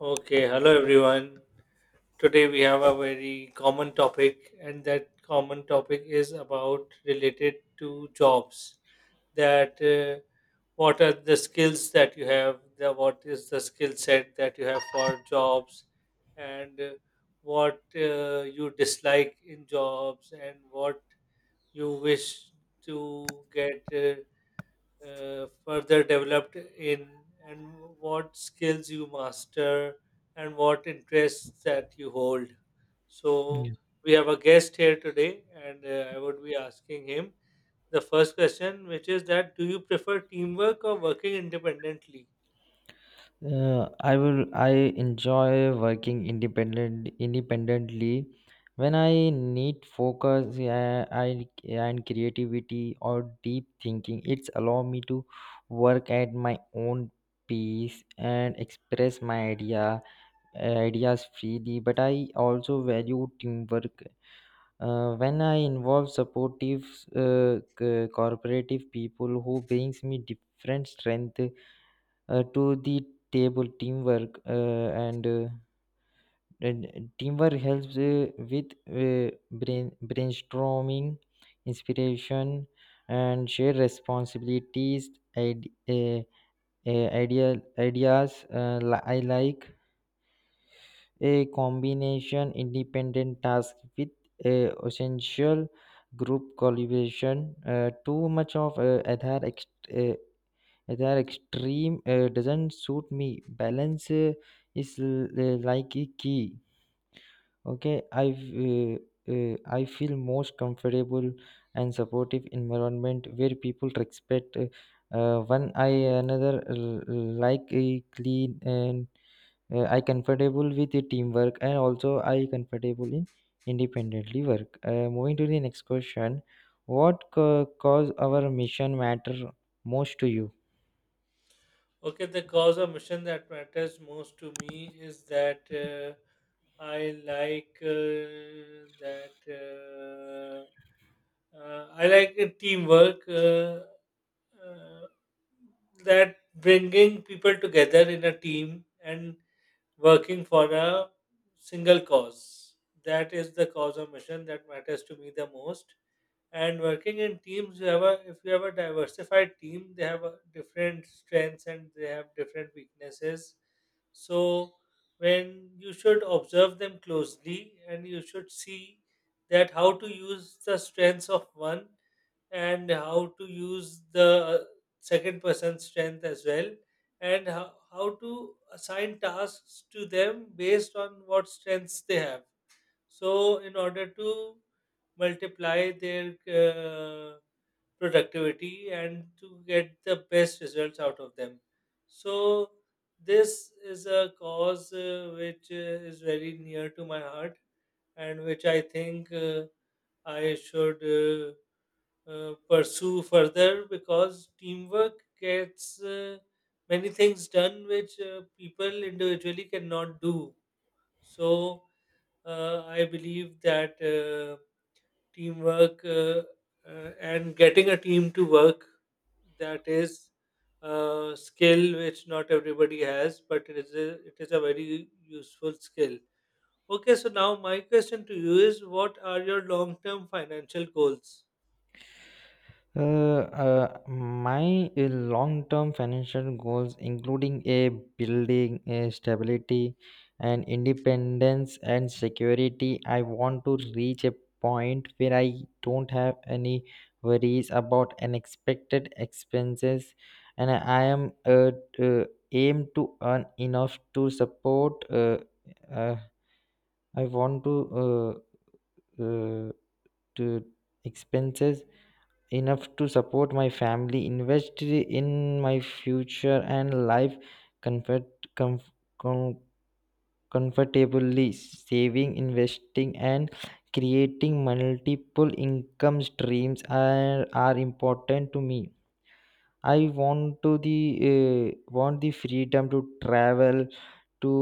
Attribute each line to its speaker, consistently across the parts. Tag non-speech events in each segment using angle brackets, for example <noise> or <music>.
Speaker 1: Okay, hello everyone. Today we have a very common topic, and that common topic is about related to jobs. That what are the skills that you have? What is the skill set that you have for jobs, and what you dislike in jobs, and what you wish to get. Further developed in and what skills you master and what interests that you hold. So
Speaker 2: Yeah.
Speaker 1: we have a guest here today and I would be asking him the first question which is that do you prefer teamwork or working independently?
Speaker 2: I will I enjoy working independently when I need focus, I and creativity or deep thinking. It's allow me to work at my own pace and express my ideas freely. But I also value teamwork. When I involve supportive, cooperative people who brings me different strength to the table, teamwork and teamwork helps with brainstorming, inspiration and share responsibilities, id- uh, ideas. I like a combination independent task with essential group collaboration. Too much of other, they are extreme, doesn't suit me. Balance is, like a key. Okay, I feel most comfortable and supportive environment where people respect, one I another. Like a clean, and I comfortable with the teamwork and also I comfortable in independently work. Moving to the next question, what cause our mission matter most to you?
Speaker 1: Okay, the cause or mission that matters most to me is that I like that I like teamwork. Uh, that bringing people together in a team and working for a single cause. That is the cause or mission that matters to me the most, and working in teams you have a, if you have a diversified team they have a different strengths and they have different weaknesses. So when you should observe them closely and you should see that how to use the strengths of one, and how to use the second person's strength as well, and how to assign tasks to them based on what strengths they have, so, in order to multiply their productivity and to get the best results out of them. So, this is a cause which is very near to my heart and which I think I should pursue further because teamwork gets many things done which people individually cannot do. So, I believe that. Teamwork and getting a team to work, that is a skill which not everybody has, but it is it is a very useful skill. Okay, so now my question to you is, what are your long term financial goals?
Speaker 2: My long-term financial goals, including a building a stability and independence and security. I want to reach a point where I don't have any worries about unexpected expenses, and I am, uh, aim to earn enough to support. Uh, I want to uh, uh, to expenses enough to support my family, invest in my future and life comfort comf- com- comfortably, saving, investing and creating multiple income streams are, important to me. I want to the want the freedom to travel, to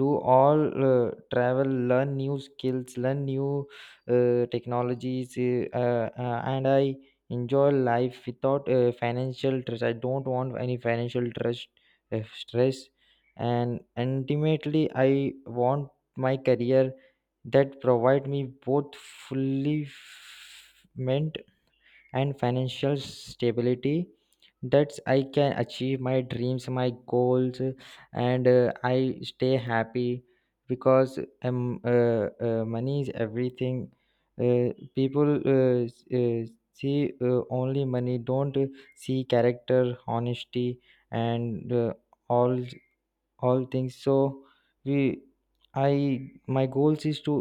Speaker 2: do all, travel, learn new skills, learn new technologies, and I enjoy life without financial stress. I don't want any financial stress. And ultimately I want my career that provide me both fulfillment and financial stability, that I can achieve my dreams, my goals, and I stay happy. Because money is everything. uh, People see, only money, don't see character, honesty, and all all things. So we I my goals is to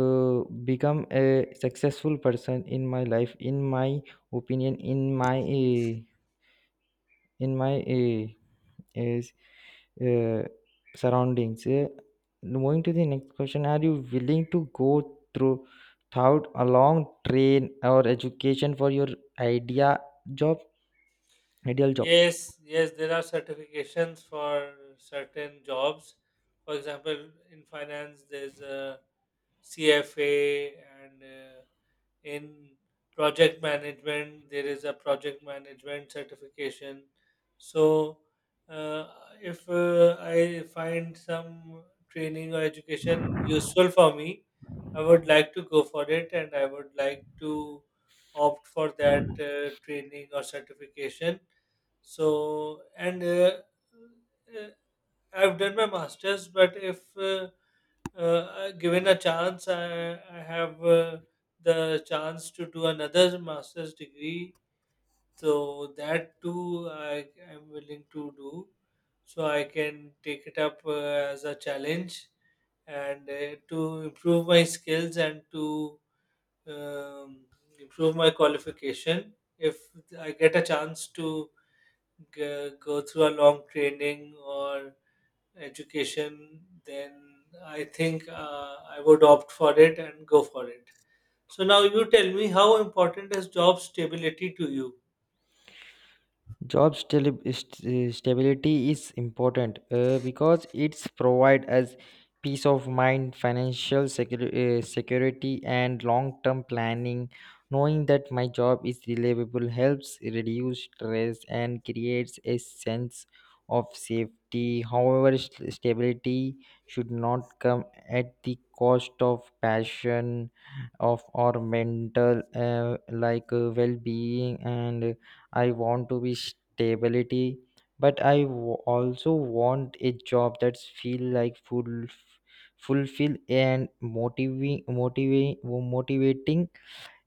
Speaker 2: uh, become a successful person in my life, in my opinion, in my, in my is uh, surroundings. Moving to the next question, are you willing to go through throughout a long train or education for your idea job ideal job?
Speaker 1: Yes, yes, there are certifications for certain jobs. For example, in finance there's a CFA, and in project management there is a project management certification. So uh, if I find some training or education useful for me, I would like to go for it and I would like to opt for that training or certification. So and uh, I've done my masters, but if given a chance, I have the chance to do another master's degree. So that too, I am willing to do. So I can take it up as a challenge and to improve my skills and to um, improve my qualification. If I get a chance to go through a long training or education, then I think I would opt for it and go for it. So now you tell me, how important is job stability to you?
Speaker 2: Job stability is important, because it's provide as peace of mind, financial security and long term planning. Knowing that my job is reliable helps reduce stress and creates a sense of safety. However, stability should not come at the cost of passion, of or mental, like, well being. And I want to be stability, but I also want a job that's feel like full fulfill and motivating.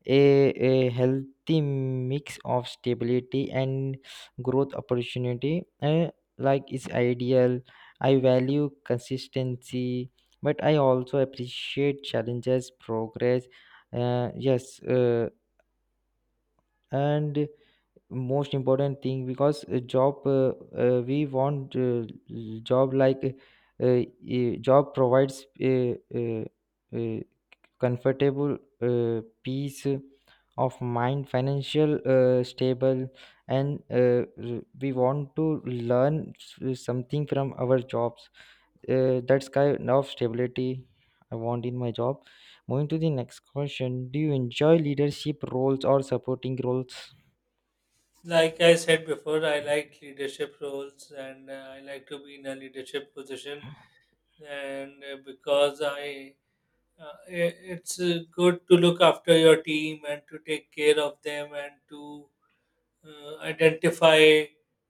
Speaker 2: A healthy mix of stability and growth opportunity, like, is ideal. I value consistency, but I also appreciate challenges, progress. uh, yes uh, and most important thing, because a job, we want job like job provides uh, comfortable, peace of mind, financial stable, and we want to learn something from our jobs. That's kind of stability I want in my job. Moving to the next question, do you enjoy leadership roles or supporting roles?
Speaker 1: Like I said before, I like leadership roles and I like to be in a leadership position. And because uh, i- it's good to look after your team and to take care of them and to identify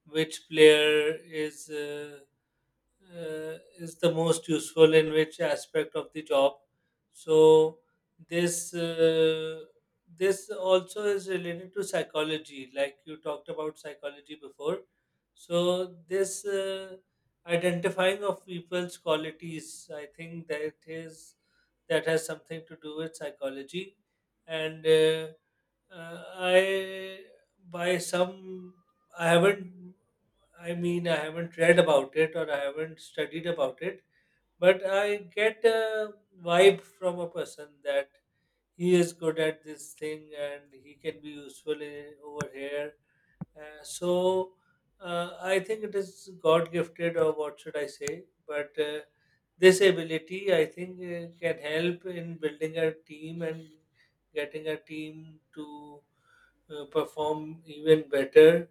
Speaker 1: which player is. Is the most useful in which aspect of the job. So this this also is related to psychology, like you talked about psychology before. So this identifying of people's qualities, I think that is, that has something to do with psychology. And I by some, I haven't, I mean I haven't read about it or I haven't studied about it, but I get a vibe from a person that he is good at this thing and he can be useful in, over here. So I think it is God gifted, or what should I say? But this ability I think can help in building a team and getting a team to perform even better.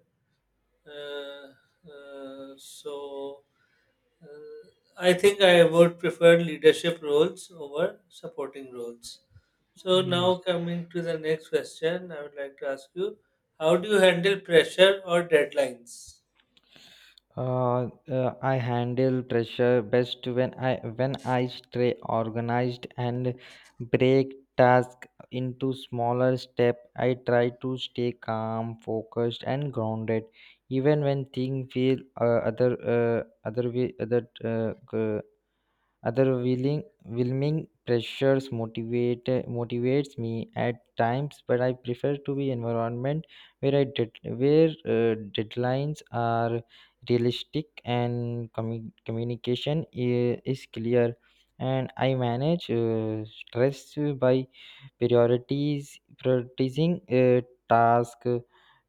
Speaker 1: Uh, so uh, I think I would prefer leadership roles over supporting roles. So now
Speaker 2: Yes.
Speaker 1: coming to the next question, I would like to ask you, how do you handle pressure or deadlines?
Speaker 2: I handle pressure best when I stay organized and break task into smaller step. I try to stay calm, focused, and grounded, even when things feel, other other way other g- overwhelming. Pressures motivates me at times, but I prefer to be environment where deadlines are realistic and communication is clear. And I manage stress by priorities prioritizing a task,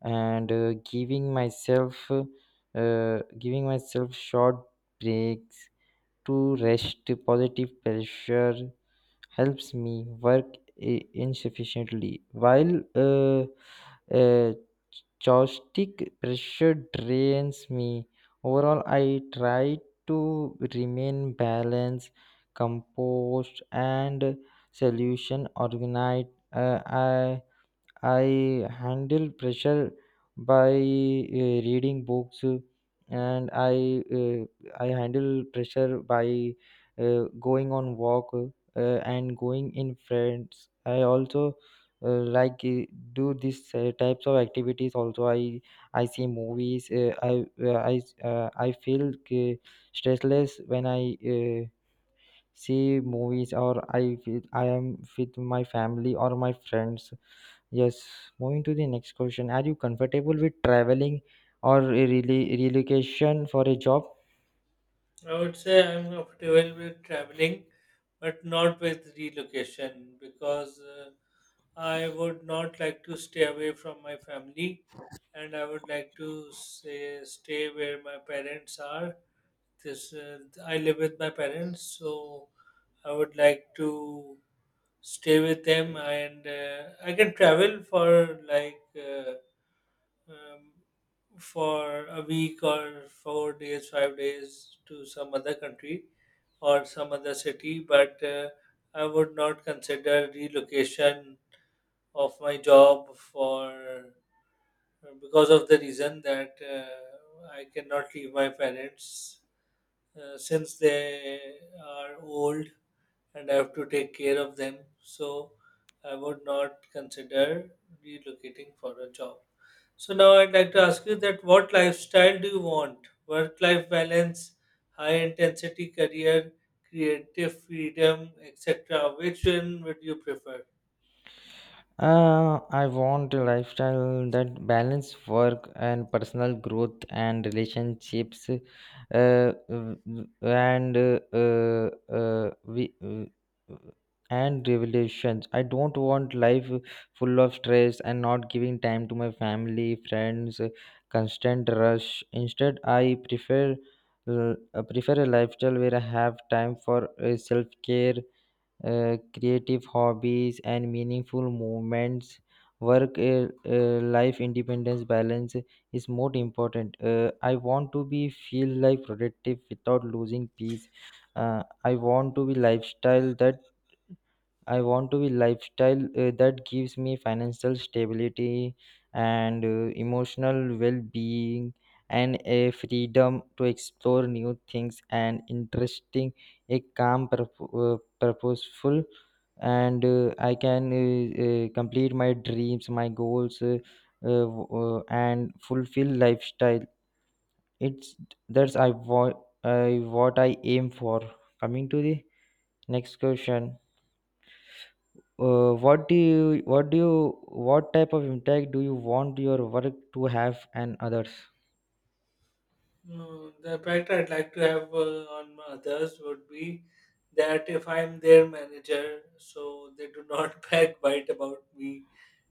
Speaker 2: and giving myself short breaks to rest. Positive pressure helps me work insufficiently, while, uh, uh, chaotic pressure drains me. Overall, I try to remain balanced, composed and solution organized. I handle pressure by reading books, and I handle pressure by going on walk and going in friends. I also like do these types of activities also. I see movies, I feel stressless when I see movies, or I feel I am with my family or my friends. Yes, moving to the next question. Are you comfortable with traveling or a rele relocation for a job?
Speaker 1: I would say I'm comfortable with traveling, but not with relocation, because I would not like to stay away from my family, and I would like to say stay where my parents are. This I live with my parents, so I would like to stay with them, and I can travel for like um, for a week or four days, five days to some other country or some other city, but I would not consider relocation of my job for, because of the reason that I cannot leave my parents since they are old and I have to take care of them. So I would not consider relocating for a job. So now I'd like to ask you that what lifestyle do you want? Work-life balance, high-intensity career, creative freedom, etc. Which one would you prefer?
Speaker 2: I want a lifestyle that balance work and personal growth and relationships, w- w- and we, and revelations. I don't want life full of stress and not giving time to my family, friends, constant rush. Instead, I prefer uh, a lifestyle where I have time for self care, creative hobbies and meaningful movements. Work, life independence balance is more important. I want to be feel like productive without losing peace. uh, i want to be lifestyle that I want to be lifestyle that gives me financial stability and emotional well-being and a freedom to explore new things and interesting, a calm, purposeful, and I can, complete my dreams, my goals, uh, w- and fulfill lifestyle. It's That's I want I what I aim for. Coming to the next question, what type of impact do you want your work to have and others?
Speaker 1: No, the impact I'd like to have on my others would be that if I'm their manager, so they do not <laughs> backbite about me,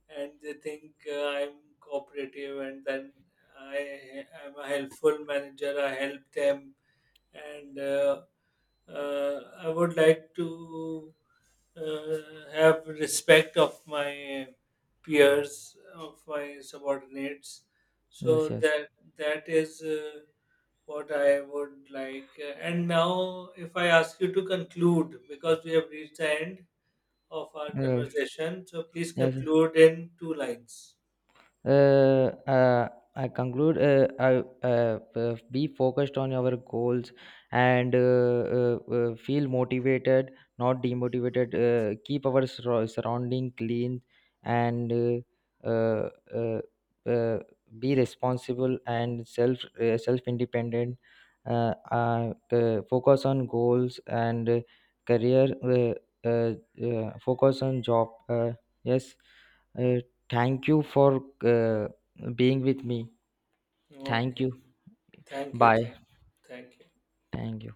Speaker 1: and they think I'm cooperative, and then I am a helpful manager, I help them, and I would like to have respect of my peers, of my subordinates,
Speaker 2: Yes,
Speaker 1: so
Speaker 2: yes.
Speaker 1: that that is. What I would like. And now, if I ask you to conclude, because we have reached the end of our
Speaker 2: Yes.
Speaker 1: conversation, so please
Speaker 2: Yes.
Speaker 1: conclude in two lines.
Speaker 2: uh, uh, I conclude, be focused on your goals, and feel motivated, not demotivated. Keep our surrounding clean, and uh, uh, uh, uh, be responsible and self, self independent. Focus on goals and career. Uh, Focus on job. Yes. Uh, thank you for being with me. Thank
Speaker 1: Okay.
Speaker 2: you.
Speaker 1: Thank you.
Speaker 2: Bye.
Speaker 1: Thank. Thank you.
Speaker 2: Thank you.